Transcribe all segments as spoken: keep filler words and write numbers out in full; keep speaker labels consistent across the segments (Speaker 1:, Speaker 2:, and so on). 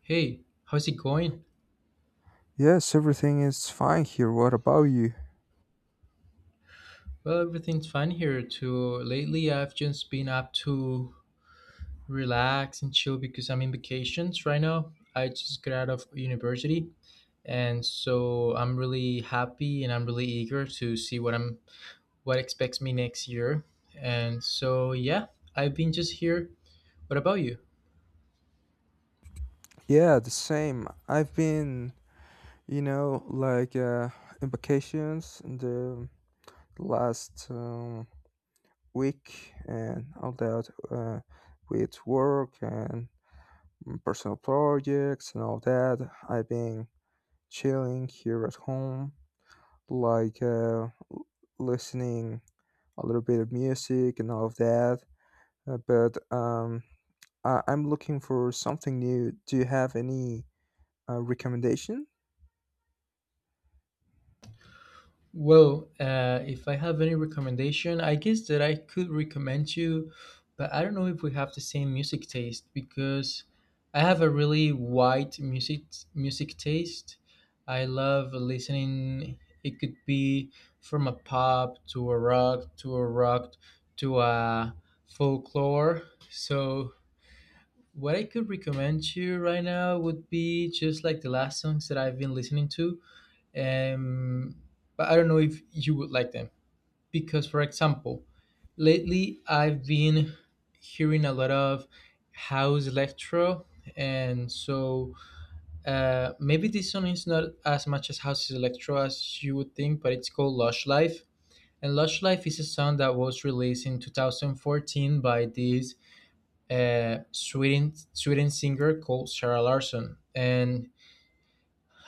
Speaker 1: Hey, how's it going?
Speaker 2: Yes, everything is fine here. What about you?
Speaker 1: Well, everything's fine here too. Lately, I've just been up to relax and chill because I'm in vacations right now. I just got out of university, and so I'm really happy and I'm really eager to see what I'm what expects me next year. And so yeah, I've been just here. What about you?
Speaker 2: Yeah, the same. I've been, you know, like uh, in vacations in the last um, week and all that uh, with work and personal projects and all that. I've been chilling here at home, like uh, l- listening a little bit of music and all of that. Uh, but um, I- I'm looking for something new. Do you have any? A recommendation?
Speaker 1: Well, uh, if I have any recommendation, I guess that I could recommend you, but I don't know if we have the same music taste because I have a really wide music music taste. I love listening. It could be from a pop to a rock to a rock to a folklore. So what I could recommend you right now would be just like the last songs that I've been listening to um, but I don't know if you would like them because, for example, lately I've been hearing a lot of house electro, and so uh, maybe this song is not as much as house electro as you would think, but it's called Lush Life. And Lush Life is a song that was released in two thousand fourteen by this uh, Sweden Sweden singer called Sarah Larson, and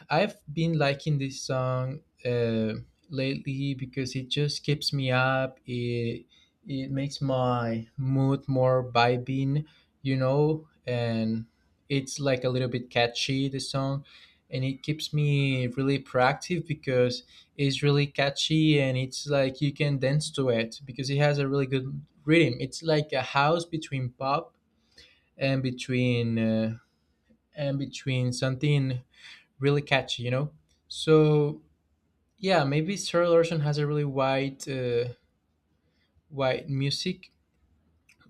Speaker 1: I've been liking this song uh, lately because it just keeps me up. It it makes my mood more vibing, you know, and it's like a little bit catchy the song, and it keeps me really proactive because it's really catchy and it's like you can dance to it because it has a really good rhythm. It's like a house between pop and between uh, and between something really catchy, you know. So yeah, maybe Sarah Larson has a really wide, uh, wide music,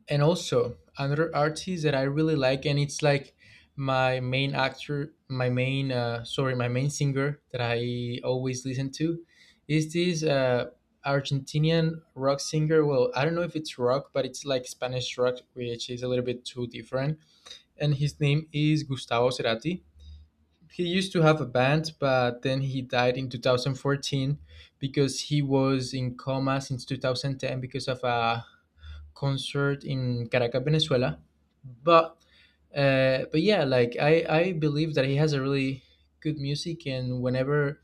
Speaker 1: and also another artist that I really like, and it's like my main actor, my main, uh, sorry, my main singer that I always listen to, is this uh, Argentinian rock singer. Well, I don't know if it's rock, but it's like Spanish rock, which is a little bit too different. And his name is Gustavo Cerati. He used to have a band, but then he died in two thousand fourteen because he was in coma since two thousand ten because of a concert in Caracas, Venezuela. But uh, but yeah, like I I believe that he has a really good music, and whenever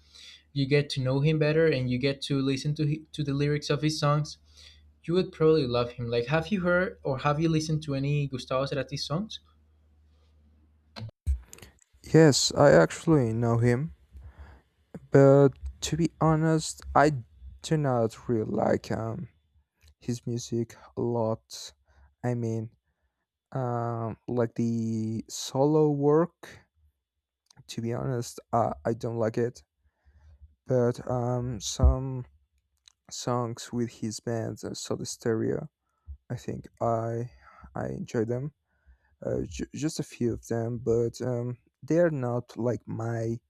Speaker 1: you get to know him better and you get to listen to hi- to the lyrics of his songs, you would probably love him. Like, have you heard or have you listened to any Gustavo Cerati songs?
Speaker 2: Yes, I actually know him, but to be honest, I do not really like um, his music a lot. I mean, um, like the solo work. To be honest, uh, I don't like it. But um, some songs with his band, uh, Soda Stereo, I think I I enjoy them. Uh, j- just a few of them, but um, they are not like my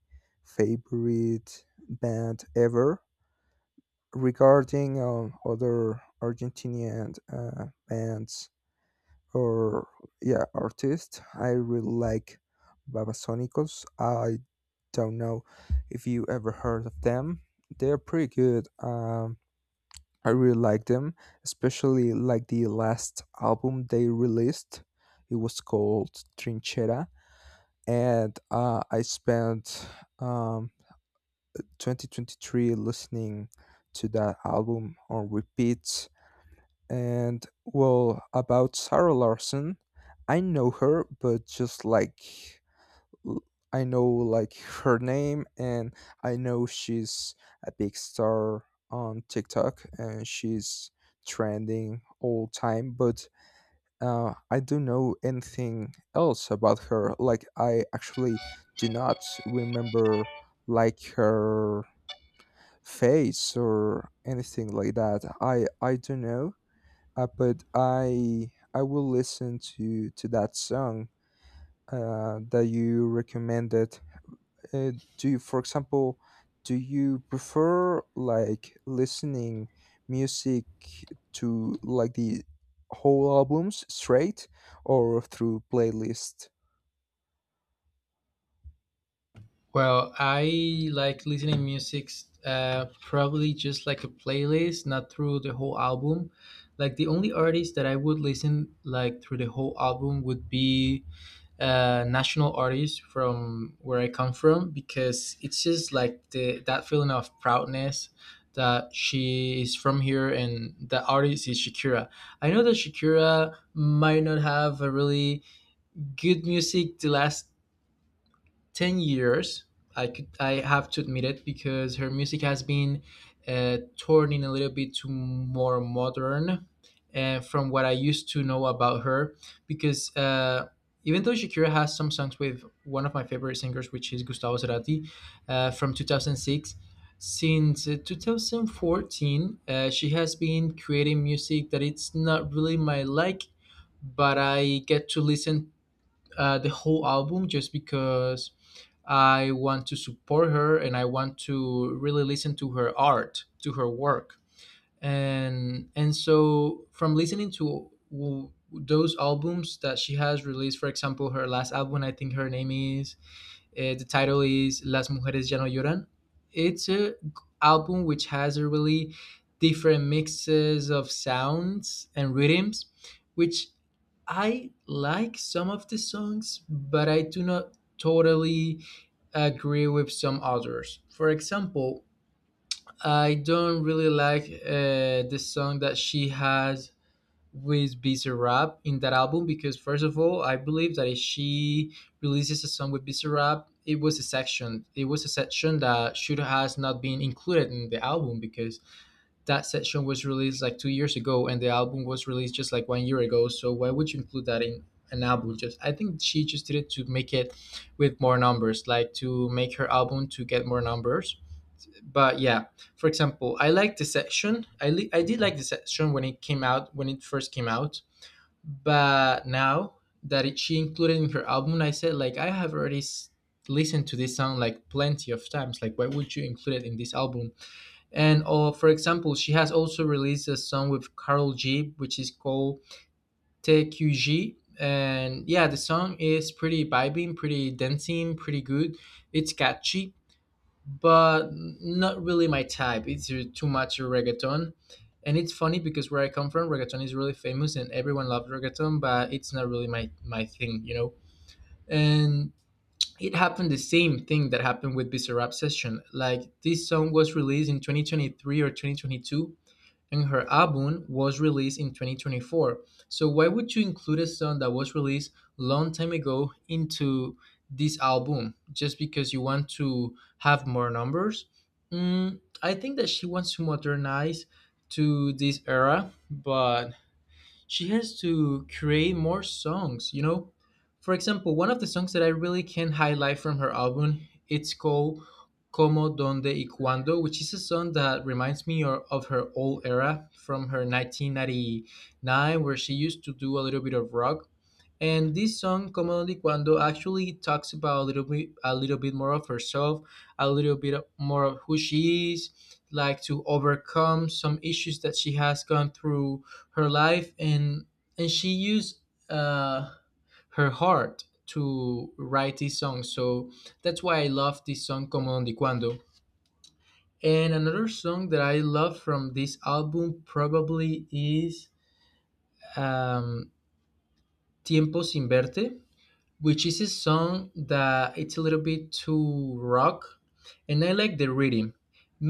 Speaker 2: favorite band ever. Regarding um, other Argentinian uh, bands or yeah artists, I really like Babasónicos. I don't know if you ever heard of them. They're pretty good. Um, I really like them, especially like the last album they released. It was called Trinchera and uh, I spent um, twenty twenty-three listening to that album on repeat. And well, about Sarah Larson, I know her, but just like l- I know like her name, and I know she's a big star on TikTok, and she's trending all time. But uh, I don't know anything else about her. Like I actually do not remember like her face or anything like that. I I don't know, uh, but I I will listen to to that song uh, that you recommended. Uh, do you, for example, do you prefer like listening music to like the whole albums straight or through playlist?
Speaker 1: Well, I like listening music uh, probably just like a playlist, not through the whole album. Like the only artist that I would listen like through the whole album would be uh, national artists from where I come from because it's just like the that feeling of proudness that she is from here and the artist is Shakira. I know that Shakira might not have a really good music the last ten years. I could i have to admit it because her music has been uh, turning a little bit to more modern, uh, from what I used to know about her because uh, even though shakira has some songs with one of my favorite singers, which is gustavo cerati, uh, from two thousand six. Since uh, twenty fourteen, uh, she has been creating music that it's not really my like, but I get to listen uh, the whole album just because I want to support her and I want to really listen to her art, to her work. And and so from listening to w- those albums that she has released, for example, her last album, I think her name is, uh, the title is Las Mujeres Ya No Lloran. It's a g- album which has a really different mixes of sounds and rhythms, which I like some of the songs, but I do not totally agree with some others. For example, I don't really like uh, the song that she has with Bizarre Rap in that album because, first of all, I believe that if she releases a song with Bizarre Rap, it was a section. It was a section that should has not been included in the album because that section was released like two years ago and the album was released just like one year ago. So why would you include that in an album? Just I think she just did it to make it with more numbers, like to make her album to get more numbers. But yeah, for example, I like the section. I, li- I did like the section when it came out, when it first came out, but now that it, she included in her album. I said like I have already s- listened to this song like plenty of times. Like why would you include it in this album? And uh, for example, she has also released a song with Carol G, which is called T Q G. And yeah, the song is pretty vibing, pretty dancing, pretty good. It's catchy, but not really my type. It's uh, too much reggaeton. And it's funny because where I come from, reggaeton is really famous and everyone loves reggaeton, but it's not really my, my thing, you know? And it happened the same thing that happened with Bizarrap Session. Like this song was released in twenty twenty-three or twenty twenty-two and her album was released in twenty twenty-four. So why would you include a song that was released long time ago into this album just because you want to have more numbers? Mm, I think that she wants to modernize to this era, but she has to create more songs, you know. For example, one of the songs that I really can highlight from her album, it's called como donde y cuando, which is a song that reminds me or- of her old era from her nineteen ninety-nine, where she used to do a little bit of rock. And this song, Commonly Cuando, actually talks about a little bit, a little bit more of herself, a little bit of- more of who she is, like to overcome some issues that she has gone through her life, and and she used uh, her heart to write this song. So that's why I love this song, Commonly Cuando. And another song that I love from this album probably is um, Tiempo Sin Verte, which is a song that it's a little bit too rock, and I like the rhythm,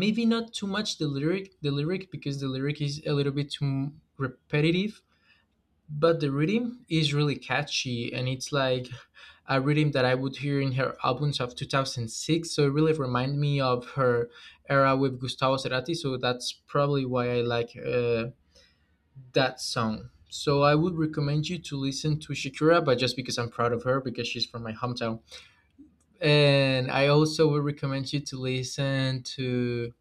Speaker 1: maybe not too much the lyric the lyric because the lyric is a little bit too repetitive, but the rhythm is really catchy and it's like a rhythm that I would hear in her albums of two thousand six. So it really reminded me of her era with gustavo cerati. So that's probably why I like uh, that song. So I would recommend you to listen to shakira, but just because I'm proud of her because she's from my hometown. And I also would recommend you to listen to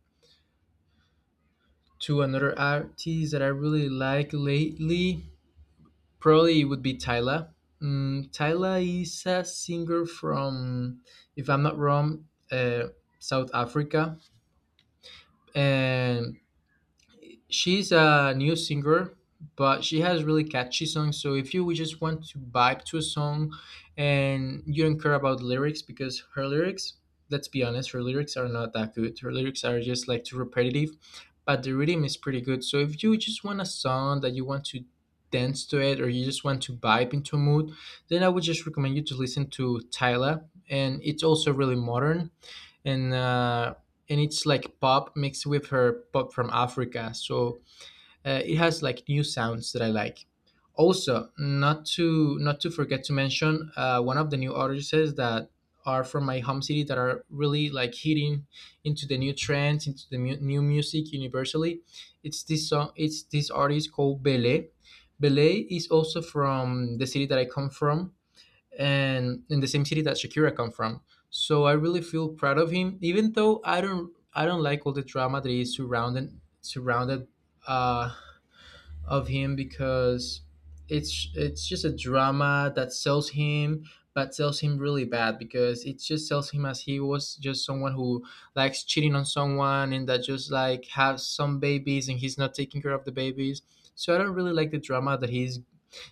Speaker 1: to another artist that I really like lately. Probably it would be Tyla. Mm, Tyla is a singer from, if I'm not wrong, uh, South Africa, and she's a new singer, but she has really catchy songs. So if you just want to vibe to a song and you don't care about lyrics, because her lyrics, let's be honest, her lyrics are not that good. Her lyrics are just like too repetitive, but the rhythm is pretty good. So if you just want a song that you want to dance to it, or you just want to vibe into a mood, then I would just recommend you to listen to Tyla. And it's also really modern, and uh and it's like pop mixed with her pop from Africa. So uh, it has like new sounds that I like. Also, not to not to forget to mention uh, one of the new artists that are from my home city that are really like hitting into the new trends, into the mu- new music universally. It's this song. It's this artist called Belé. Belé is also from the city that I come from, and in the same city that Shakira come from. So I really feel proud of him, even though I don't I don't like all the drama that is surrounded surrounded uh, of him because it's it's just a drama that sells him, but sells him really bad because it just sells him as he was just someone who likes cheating on someone and that just like has some babies and he's not taking care of the babies. So I don't really like the drama that he's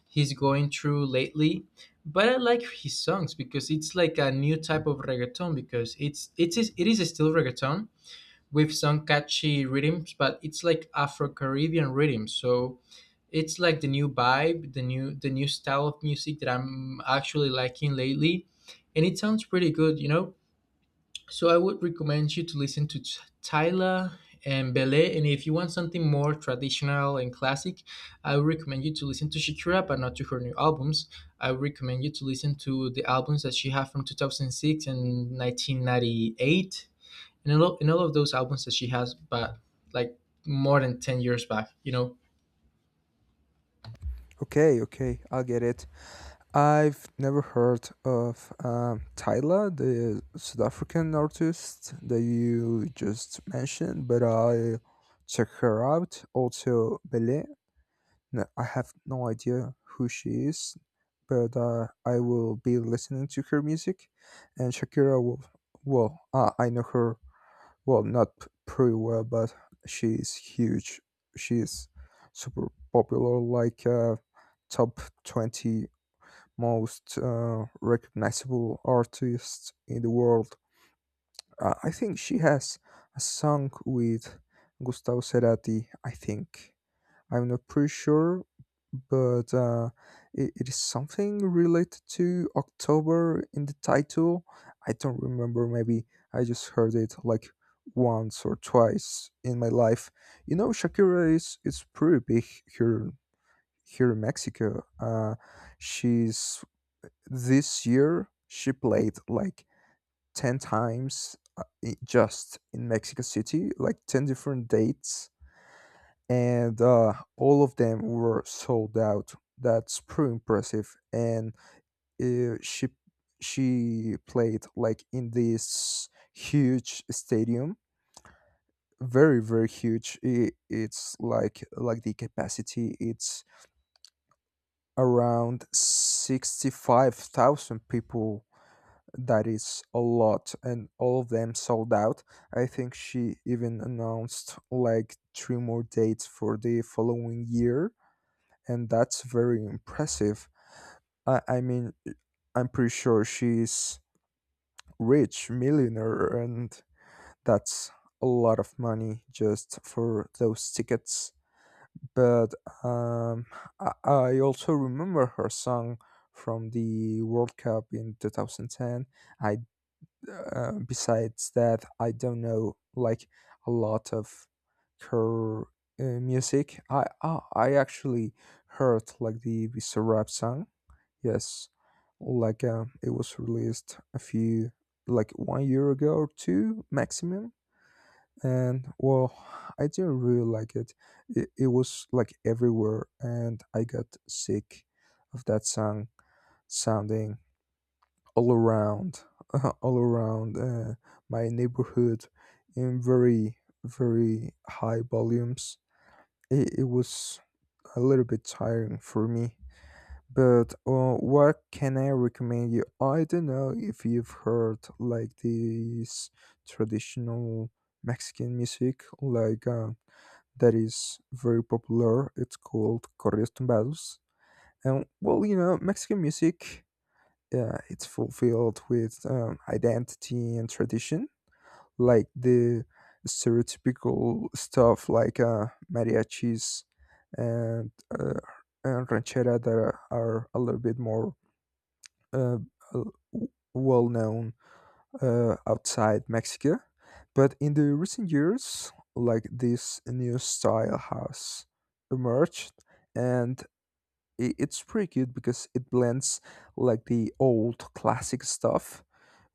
Speaker 1: he's going through lately. But I like his songs because it's like a new type of reggaeton because it's it's it is still reggaeton with some catchy rhythms, but it's like Afro Caribbean rhythms. So it's like the new vibe, the new the new style of music that I'm actually liking lately, and it sounds pretty good, you know. So I would recommend you to listen to Ch- Tyla and Bele, and if you want something more traditional and classic, I would recommend you to listen to Shakira, but not to her new albums. I would recommend you to listen to the albums that she had from two thousand six and nineteen ninety-eight, in all, in all of those albums that she has, but like more than ten years back, you know?
Speaker 2: Okay, okay, I'll get it. I've never heard of um, Tyla, the South African artist that you just mentioned, but I'll check her out. Also, Bele, no, I have no idea who she is, but uh, I will be listening to her music. And Shakira, will, well, uh, I know her, well, not p- pretty well, but she is huge. She is super popular, like uh, top twenty most uh, recognizable artists in the world. Uh, I think she has a song with Gustavo Cerati, I think. I'm not pretty sure, but uh, it, it is something related to October in the title. I don't remember, maybe I just heard it like once or twice in my life. You know, Shakira is, is pretty big here, here in Mexico. Uh, she's this year, she played like ten times uh, i- just in Mexico City, like ten different dates and uh, all of them were sold out. That's pretty impressive. And uh, she she played like in this huge stadium, very very huge. I it's like like the capacity. It's around sixty five thousand people. That is a lot, and all of them sold out. I think she even announced like three more dates for the following year and that's very impressive. I, I mean, I'm pretty sure she's rich, millionaire, and that's a lot of money just for those tickets. But um, I, I also remember her song from the World Cup in twenty ten. I uh, besides that, I don't know like a lot of her uh, music. I, I I actually heard like the Visa rap song, yes, like uh, it was released a few, like one year ago or two maximum. And well, I didn't really like it. It, it was like everywhere, and I got sick of that song sounding all around, all around uh, my neighborhood in very, very high volumes. It, it was a little bit tiring for me. But uh, what can I recommend you? I don't know if you've heard like this traditional Mexican music, like uh, that is very popular. It's called corridos tumbados, and well, you know, Mexican music, uh, it's fulfilled with um, identity and tradition, like the stereotypical stuff like uh, mariachis and uh, and ranchera that are, are a little bit more uh, well known uh, outside Mexico, but in the recent years, like this new style has emerged, and i- it's pretty cute because it blends like the old classic stuff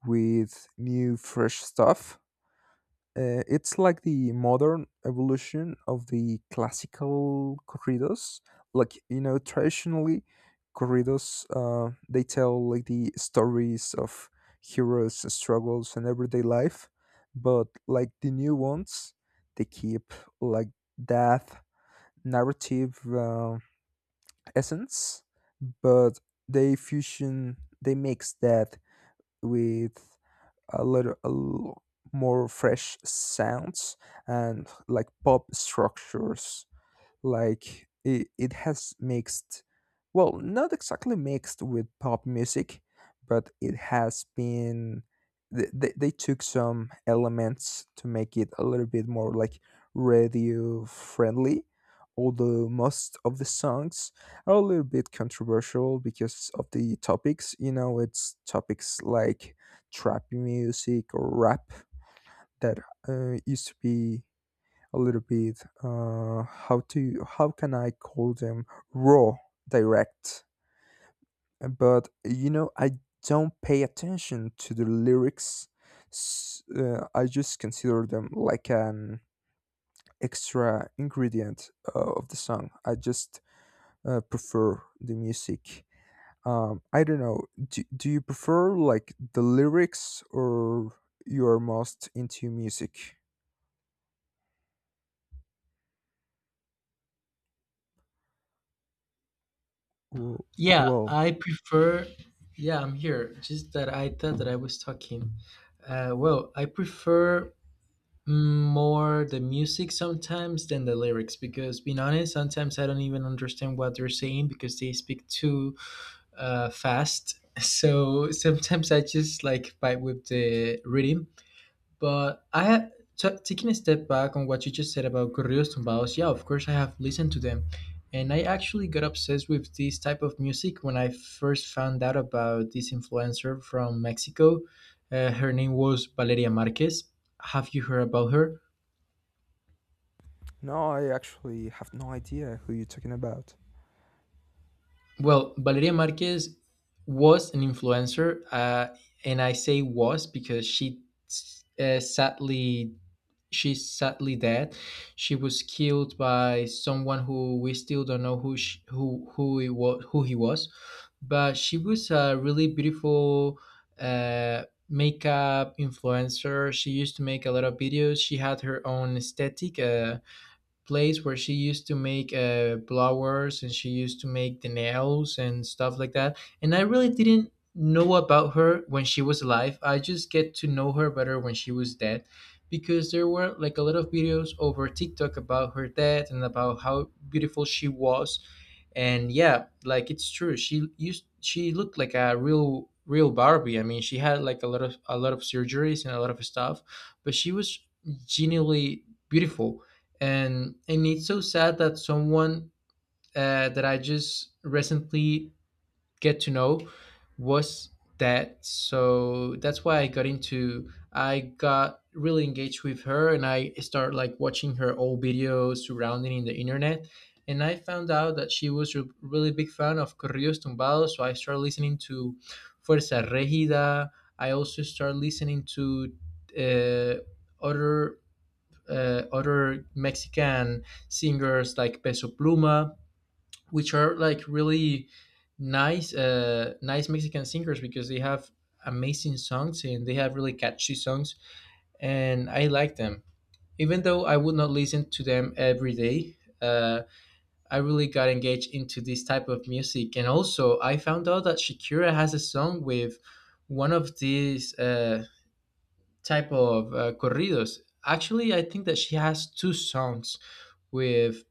Speaker 2: with new fresh stuff. Uh, it's like the modern evolution of the classical corridos. Like you know, traditionally, corridos uh, they tell like the stories of heroes, struggles, and everyday life. But like the new ones, they keep like that narrative uh, essence, but they fusion, they mix that with a little, a l- more fresh sounds and like pop structures like it, it has mixed, well, not exactly mixed with pop music, but it has been. th- They, they took some elements to make it a little bit more like radio friendly, although most of the songs are a little bit controversial because of the topics. You know, it's topics like trap music or rap that uh, used to be a little bit. Uh, how to how can I call them? Raw, direct? Uh, But you know, I don't pay attention to the lyrics. S- uh, I just consider them like an extra ingredient uh, of the song. I just uh, prefer the music. Um, I don't know. Do, do you prefer like the lyrics or you are most into music? Well,
Speaker 1: Yeah,
Speaker 2: well,
Speaker 1: I prefer. Yeah, I'm here. Just that I thought that I was talking. Uh, well, I prefer mm, more the music sometimes than the lyrics because, being honest, sometimes I don't even understand what they're saying because they speak too uh, fast. So sometimes I just like fight with the rhythm. But I had t- taking a step back on what you just said about corridos tumbados. Yeah, of course I have listened to them, and I actually got obsessed with this type of music when I first found out about this influencer from Mexico. Uh, her name was Valeria Marquez. Have you heard about her?
Speaker 2: no, I actually have no idea who you're talking about.
Speaker 1: Well, Valeria Marquez was an influencer, uh, and I say was because she uh, sadly she's sadly dead. She was killed by someone who we still don't know who she, who who he was, who he was, but she was a really beautiful uh, makeup influencer. She used to make a lot of videos. She had her own aesthetic. Uh, place where she used to make uh, blowers, and she used to make the nails and stuff like that. And I really didn't know about her when she was alive. I just get to know her better when she was dead because there were like a lot of videos over TikTok about her death and about how beautiful she was. And yeah, like it's true. She used she looked like a real real Barbie. I mean, she had like a lot of a lot of surgeries and a lot of stuff, but she was genuinely beautiful, and and it's so sad that someone uh, that I just recently get to know was dead. So that's why I got into. I got really engaged with her, and I started like watching her old videos surrounding in the internet. And I found out that she was a really big fan of corridos tumbados, so I started listening to Fuerza Regida. I also started listening to uh, other uh, other Mexican singers like Peso Pluma, which are like really nice, uh, nice Mexican singers because they have amazing songs and they have really catchy songs, and I like them. Even though I would not listen to them every day, uh, I really got engaged into this type of music, and also I found out that Shakira has a song with one of these uh, type of uh, corridos. Actually, I think that she has two songs with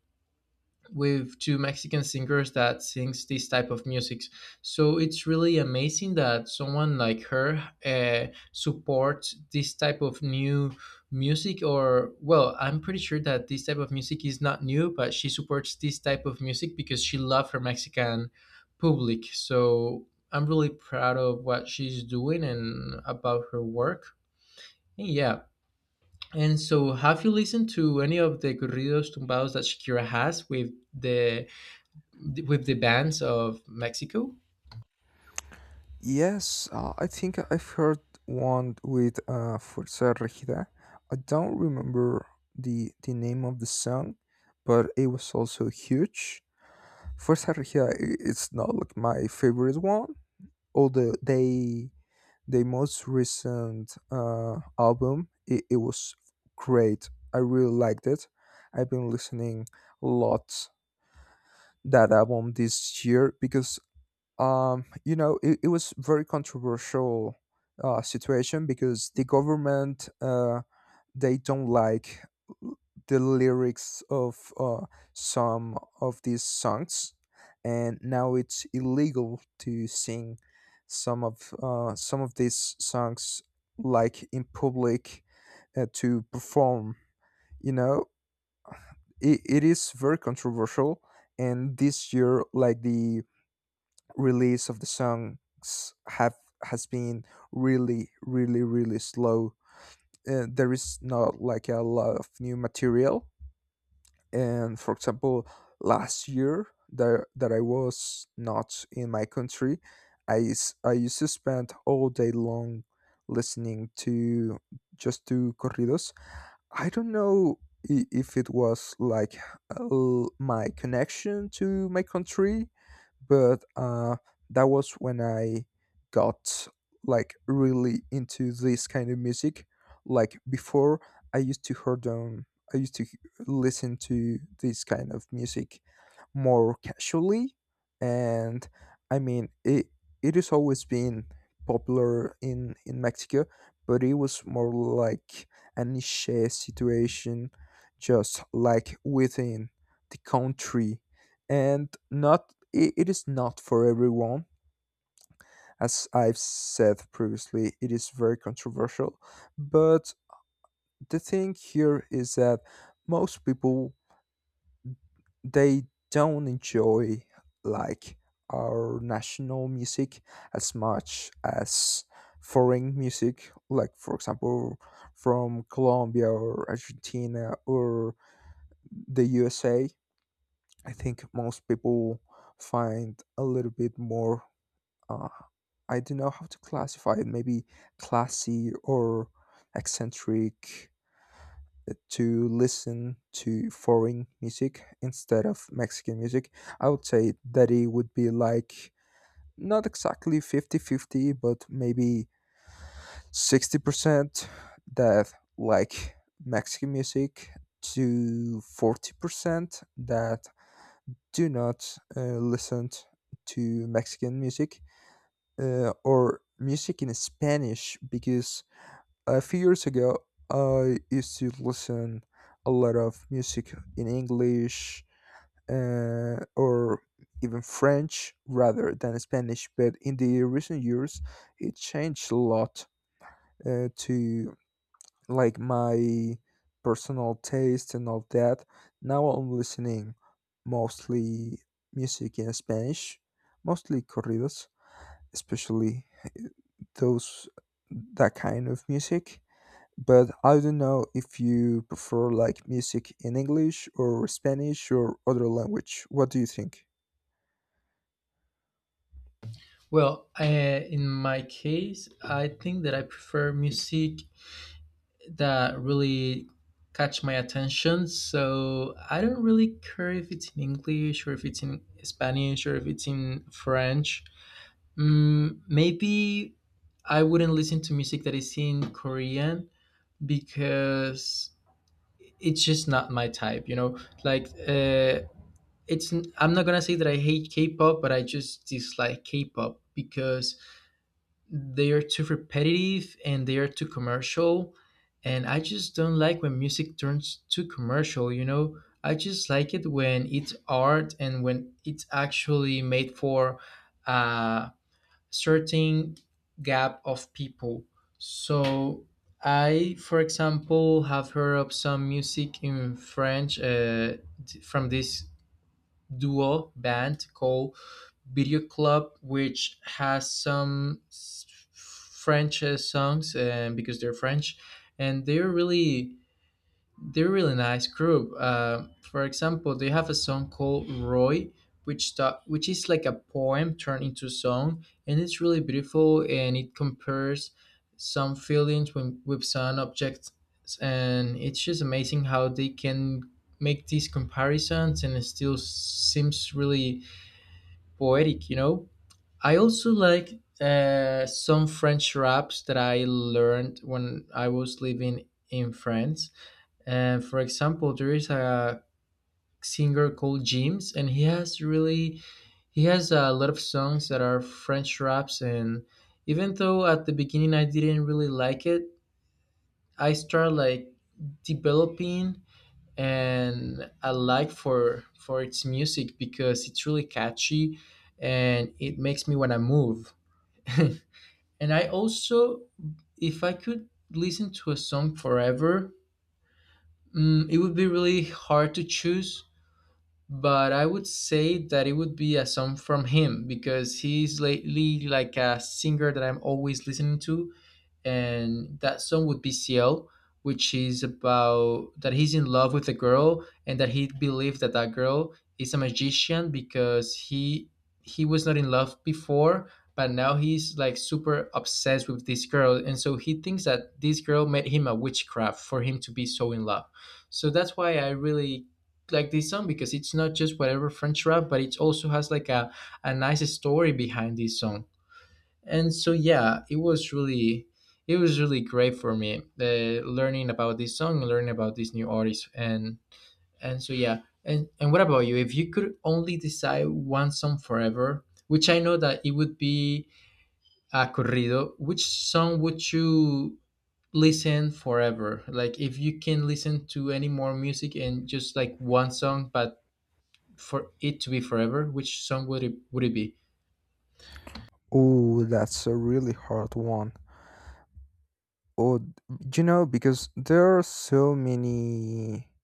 Speaker 1: with two Mexican singers that sings this type of music. So it's really amazing that someone like her uh, supports this type of new music. Or well, I'm pretty sure that this type of music is not new, but she supports this type of music because she loves her Mexican public. So I'm really proud of what she's doing and about her work. And yeah, and so, have you listened to any of the corridos tumbados that Shakira has with the with the bands of Mexico?
Speaker 2: Yes, uh, I think I've heard one with uh, Fuerza Regida. I don't remember the the name of the song, but it was also huge. Fuerza Regida, i- it's not like my favorite one. Although they the most recent uh, album, it, it was great. I really liked it. I've been listening a lot that album this year because um, you know, it, it was very controversial uh, situation because the government uh, they don't like the lyrics of uh, some of these songs, and now it's illegal to sing some of uh, some of these songs like in public uh, to perform. You know, it, it is very controversial, and this year, like the release of the songs have has been really really really slow. Uh, there is not like a lot of new material and for example last year that, that I was not in my country. I, s- I used to spend all day long listening to just to corridos. I don't know i- if it was like uh, my connection to my country, but uh, that was when I got like really into this kind of music. Like before, I used to heard um, I used to h- listen to this kind of music more casually, and I mean it. It has always been popular in in Mexico, but it was more like any share situation just like within the country and not it, it is not for everyone as I've said previously. It is very controversial but the thing here is that most people they don't enjoy like our national music as much as foreign music like for example from Colombia or Argentina or the U S A. I think most people find a little bit more. Uh, I don't know how to classify it. Maybe classy or eccentric uh, to listen to foreign music instead of Mexican music. I would say that it would be like not exactly fifty-fifty, but maybe sixty percent that like Mexican music to forty percent that do not uh, listen to Mexican music uh, or music in Spanish because a few years ago I used to listen a lot of music in English uh, or even French rather than Spanish. But in the recent years, it changed a lot uh, to like my personal taste and all that. Now I'm listening mostly music in Spanish, mostly corridos, especially those that kind of music. But I don't know if you prefer like music in English or Spanish or other language. What do you think?
Speaker 1: Well, uh, in my case, I think that I prefer music that really catch my attention. So I don't really care if it's in English or if it's in Spanish or if it's in French. Mm, maybe I wouldn't listen to music that is in Korean because it's just not my type, you know, like uh it's I I'm not gonna say that I hate K-pop, but I just dislike K-pop because they are too repetitive and they are too commercial, and I just don't like when music turns too commercial, you know. I just like it when it's art and when it's actually made for uh certain gap of people. So I, for example, have heard of some music in French uh, d- from this duo band called Video Club, which has some s- French uh, songs uh, because they're French, and they're really they're a really nice group. Uh, for example, they have a song called Roy, which ta- which is like a poem turned into song, and it's really beautiful. And it compares some feelings with, with some objects, and it's just amazing how they can make these comparisons, and it still seems really poetic. You know, I also like uh, some French raps that I learned when I was living in France, and for example, there is a singer called James, and he has really he has a lot of songs that are French raps. And even though at the beginning I didn't really like it, I started like developing, and I like for for its music because it's really catchy and it makes me want to move. And I also, if I could listen to a song forever, mm, it would be really hard to choose, but I would say that it would be a song from him because he's lately like a singer that I'm always listening to, and that song would be Ciel, which is about that he's in love with a girl and that he believes that that girl is a magician because he he was not in love before, but now he's like super obsessed with this girl, and so he thinks that this girl made him a witchcraft for him to be so in love. So that's why I really like this song because it's not just whatever French rap, but it also has like a, a nice story behind this song. And so yeah, it was really it was really great for me uh, learning about this song, learning about this new artist. And and so yeah, and and what about you? If you could only decide one song forever, which I know that it would be a corrido, which song would you listen forever? Like if you can listen to any more music and just like one song, but for it to be forever, which song would it would it be?
Speaker 2: Oh, that's a really hard one. Oh, d- you know, because there are so many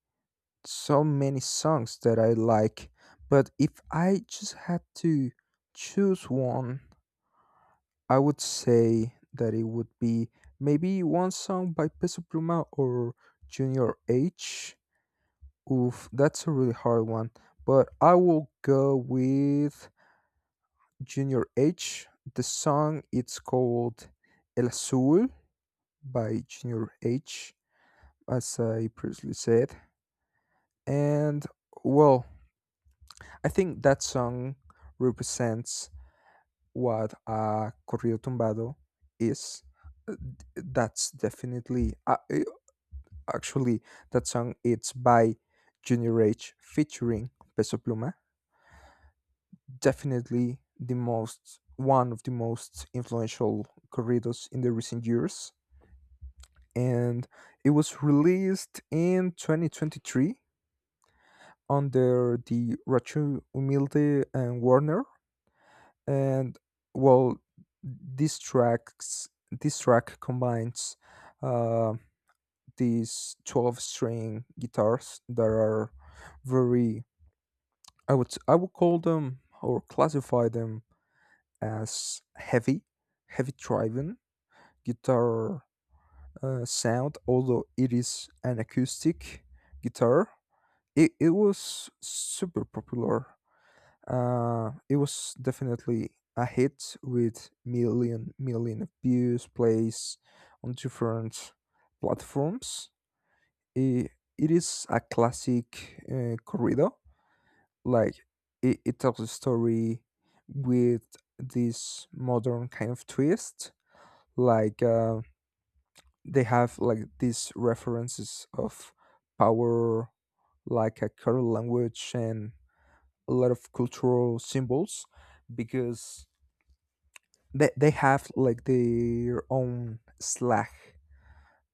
Speaker 2: so many songs that I like, but if I just had to choose one, I would say that it would be maybe one song by Peso Pluma or Junior H. Oof, that's a really hard one, but I will go with Junior H. The song it's called El Azul by Junior H, as I previously said, and well I think that song represents what a corrido tumbado is. Uh, d- That's definitely uh, uh, actually that song. It's by Junior H featuring Peso Pluma. Definitely the most one of the most influential corridos in the recent years, and it was released in twenty twenty-three under the Rachu Humilde and Warner. And well this tracks this track combines uh, these twelve string guitars that are very. I would i would call them or classify them as heavy heavy driving guitar uh, sound although it is an acoustic guitar. it, it was super popular. Uh, it was definitely a hit with million million views, plays on different platforms. It, it is a classic uh, corrido. Like it, it tells a story with this modern kind of twist. Like uh, they have like these references of power, like a current language and a lot of cultural symbols because they they have like their own slang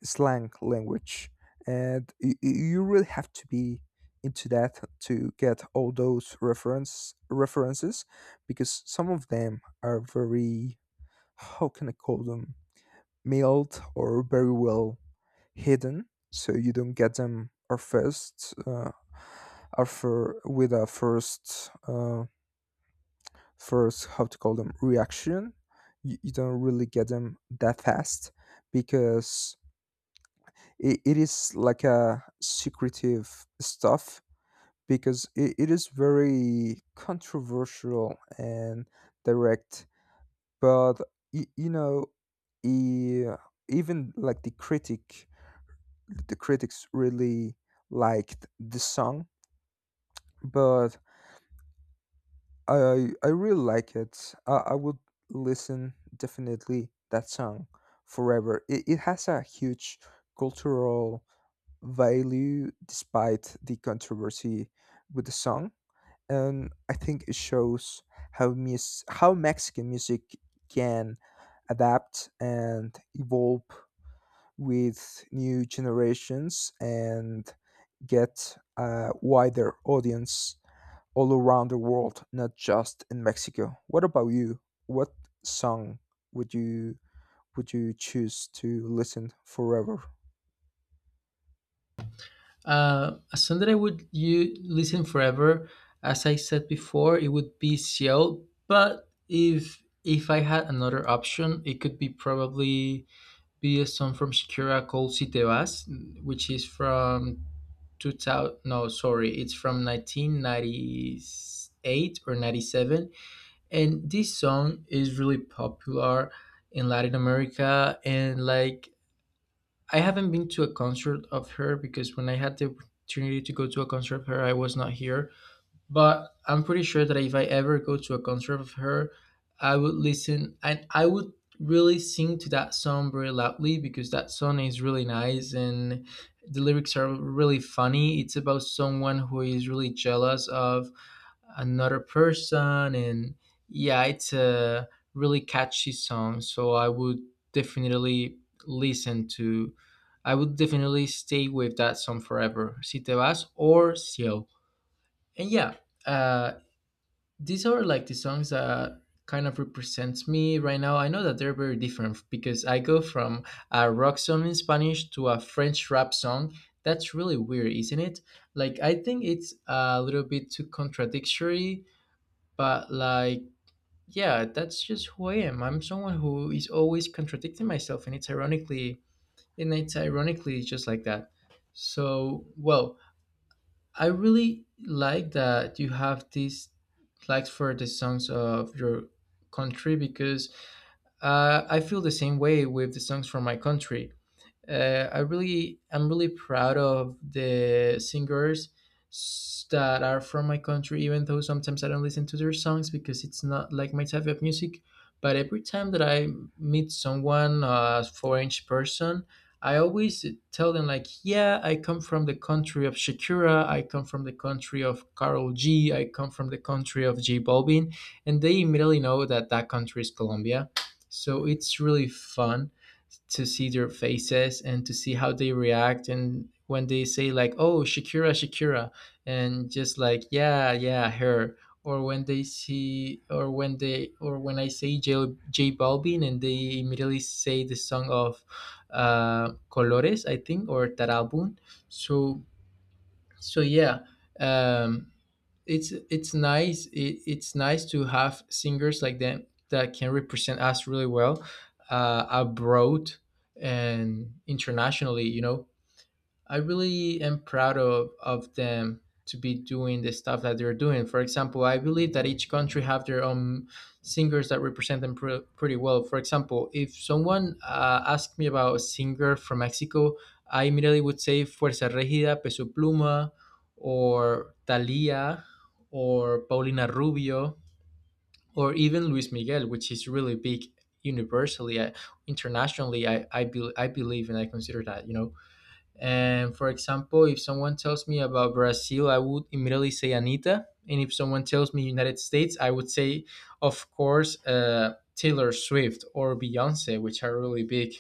Speaker 2: slang language, and you, you really have to be into that to get all those reference references, because some of them are very. How can I call them? Mild or very well hidden, so you don't get them or first uh, or for with a first. Uh, first how to call them reaction. You, you don't really get them that fast because it, it is like a secretive stuff because it, it is very controversial and direct. But you, you know e- even like the critic the critics really liked the song but I I really like it. I, I would listen definitely that song forever. It, it has a huge cultural value despite the controversy with the song, and I think it shows how mus- how Mexican music can adapt and evolve with new generations and get a wider audience all around the world, not just in Mexico. What about you? What song would you would you choose to listen forever?
Speaker 1: Uh, a song that I would you listen forever, as I said before, it would be Ciel. But if if I had another option, it could be probably be a song from Shakira called Si Te Vas, which is from two thousand, no sorry, it's from nineteen ninety-eight or ninety-seven. And this song is really popular in Latin America. And like, I haven't been to a concert of her because when I had the opportunity to go to a concert of her, I was not here. But I'm pretty sure that if I ever go to a concert of her, I would listen, and I would really sing to that song very loudly because that song is really nice and the lyrics are really funny. It's about someone who is really jealous of another person, and yeah, it's a really catchy song. So I would definitely listen to I would definitely stay with that song forever, Si Te Vas or Ciel. And yeah, uh these are like the songs that kind of represents me right now. I know that they're very different because I go from a rock song in Spanish to a French rap song. That's really weird, isn't it? Like I think it's a little bit too contradictory, but like, yeah, that's just who I am. I'm someone who is always contradicting myself, and it's ironically, and it's ironically just like that. So, well, I really like that you have these likes for the songs of your country because uh, I feel the same way with the songs from my country. uh, I really I'm really proud of the singers s- that are from my country, even though sometimes I don't listen to their songs because it's not like my type of music. But every time that I meet someone, a foreign person, I always tell them like, yeah, I come from the country of Shakira, I come from the country of Carol G, I come from the country of J Balvin, and they immediately know that that country is Colombia. So it's really fun to see their faces and to see how they react, and when they say like, oh, Shakira, Shakira, and just like, yeah, yeah, her. Or when they see or when they or when I say j, J Balvin, and they immediately say the song of uh Colores, I think, or that album. So so yeah, um it's it's nice it, it's nice to have singers like them that can represent us really well uh, abroad and internationally, you know. I really am proud of, of them to be doing the stuff that they're doing. For example, I believe that each country have their own singers that represent them pre- pretty well. For example, if someone uh, asked me about a singer from Mexico, I immediately would say Fuerza Regida, Peso Pluma, or Thalia, or Paulina Rubio, or even Luis Miguel, which is really big universally, I, internationally. I, I, be- I believe and I consider that, you know. And for example, if someone tells me about Brazil, I would immediately say Anita. And if someone tells me United States, I would say, of course, uh, Taylor Swift or Beyonce, which are really big.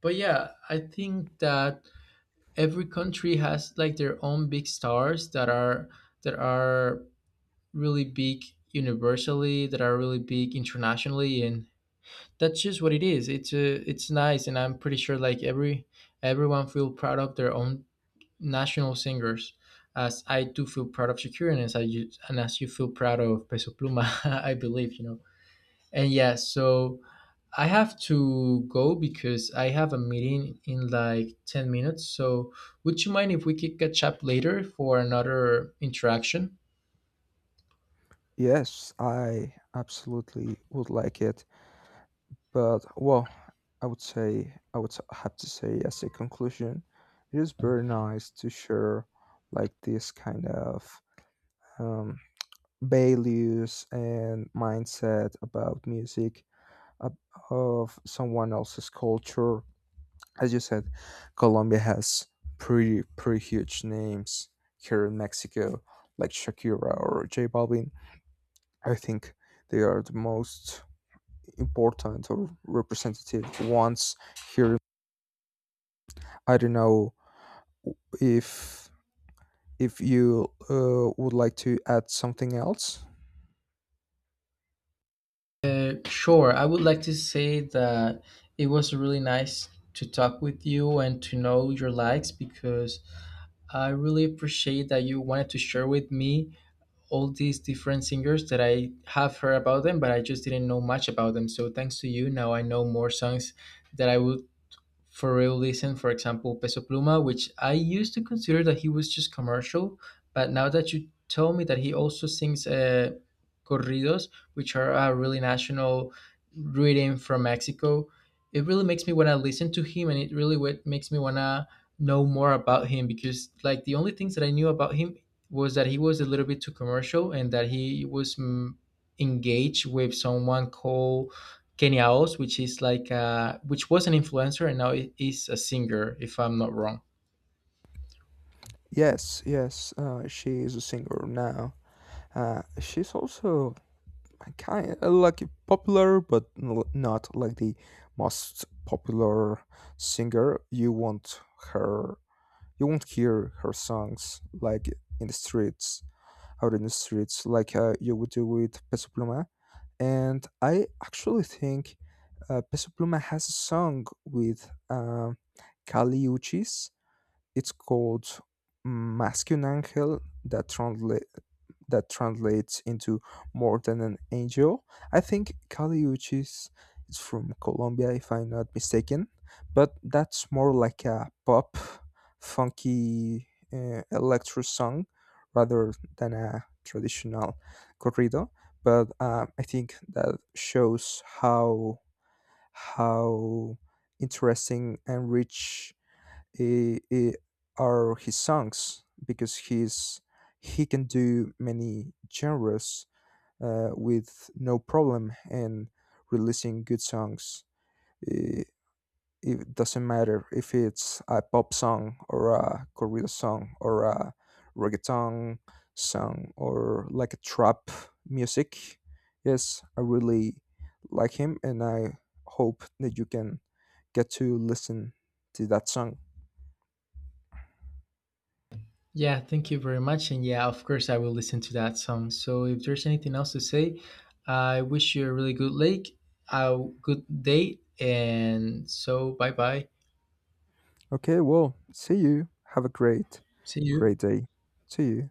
Speaker 1: But yeah, I think that every country has like their own big stars that are that are really big universally, that are really big internationally, and that's just what it is. It's uh, it's nice, and I'm pretty sure like every everyone feel proud of their own national singers, as I do feel proud of Shakira, and as I you- and as you feel proud of Peso Pluma, I believe, you know. And yeah, so I have to go because I have a meeting in like ten minutes. So would you mind if we could catch up later for another interaction?
Speaker 2: Yes, I absolutely would like it. But well, I would say I would s- have to say as a conclusion, it is very nice to share like this kind of um, values and mindset about music of, of someone else's culture. As you said, Colombia has pretty pretty huge names here in Mexico, like Shakira or J Balvin. I think they are the most important or representative ones here. I don't know if if you uh, would like to add something else.
Speaker 1: Uh, sure. I would like to say that it was really nice to talk with you and to know your likes because I really appreciate that you wanted to share with me all these different singers that I have heard about them, but I just didn't know much about them. So thanks to you, now I know more songs that I would for real listen, for example, Peso Pluma, which I used to consider that he was just commercial. But now that you told me that he also sings uh, corridos, which are a really national rhythm from Mexico, it really makes me want to listen to him, and it really what makes me want to know more about him, because like, the only things that I knew about him was that he was a little bit too commercial, and that he was mm, engaged with someone called Kenya Oz, which is like uh, which was an influencer, and now i- is a singer, if I'm not wrong.
Speaker 2: Yes, yes, uh, she is a singer now. Uh, she's also kind of like popular, but n- not like the most popular singer. You won't her, you won't hear her songs like in the streets, out in the streets, like uh, you would do with Peso Pluma. And I actually think uh, Peso Pluma has a song with uh, Kali Uchis. It's called Masculine Angel that, transla- that translates into more than an angel. I think Caliuchis is from Colombia, if I'm not mistaken, but that's more like a pop, funky uh, electro song rather than a traditional corrido. But uh, I think that shows how how interesting and rich i- i- are his songs because he's he can do many genres uh, with no problem and releasing good songs. I- It doesn't matter if it's a pop song or a corrido song or a reggaeton song or like a trap music. Yes, I really like him and I hope that you can get to listen to that song.
Speaker 1: Yeah, thank you very much, and yeah, of course I will listen to that song. So if there's anything else to say, I wish you a really good lake, a good day, and so bye bye.
Speaker 2: Okay, well, see you. Have a great,
Speaker 1: See you.
Speaker 2: great day. See you.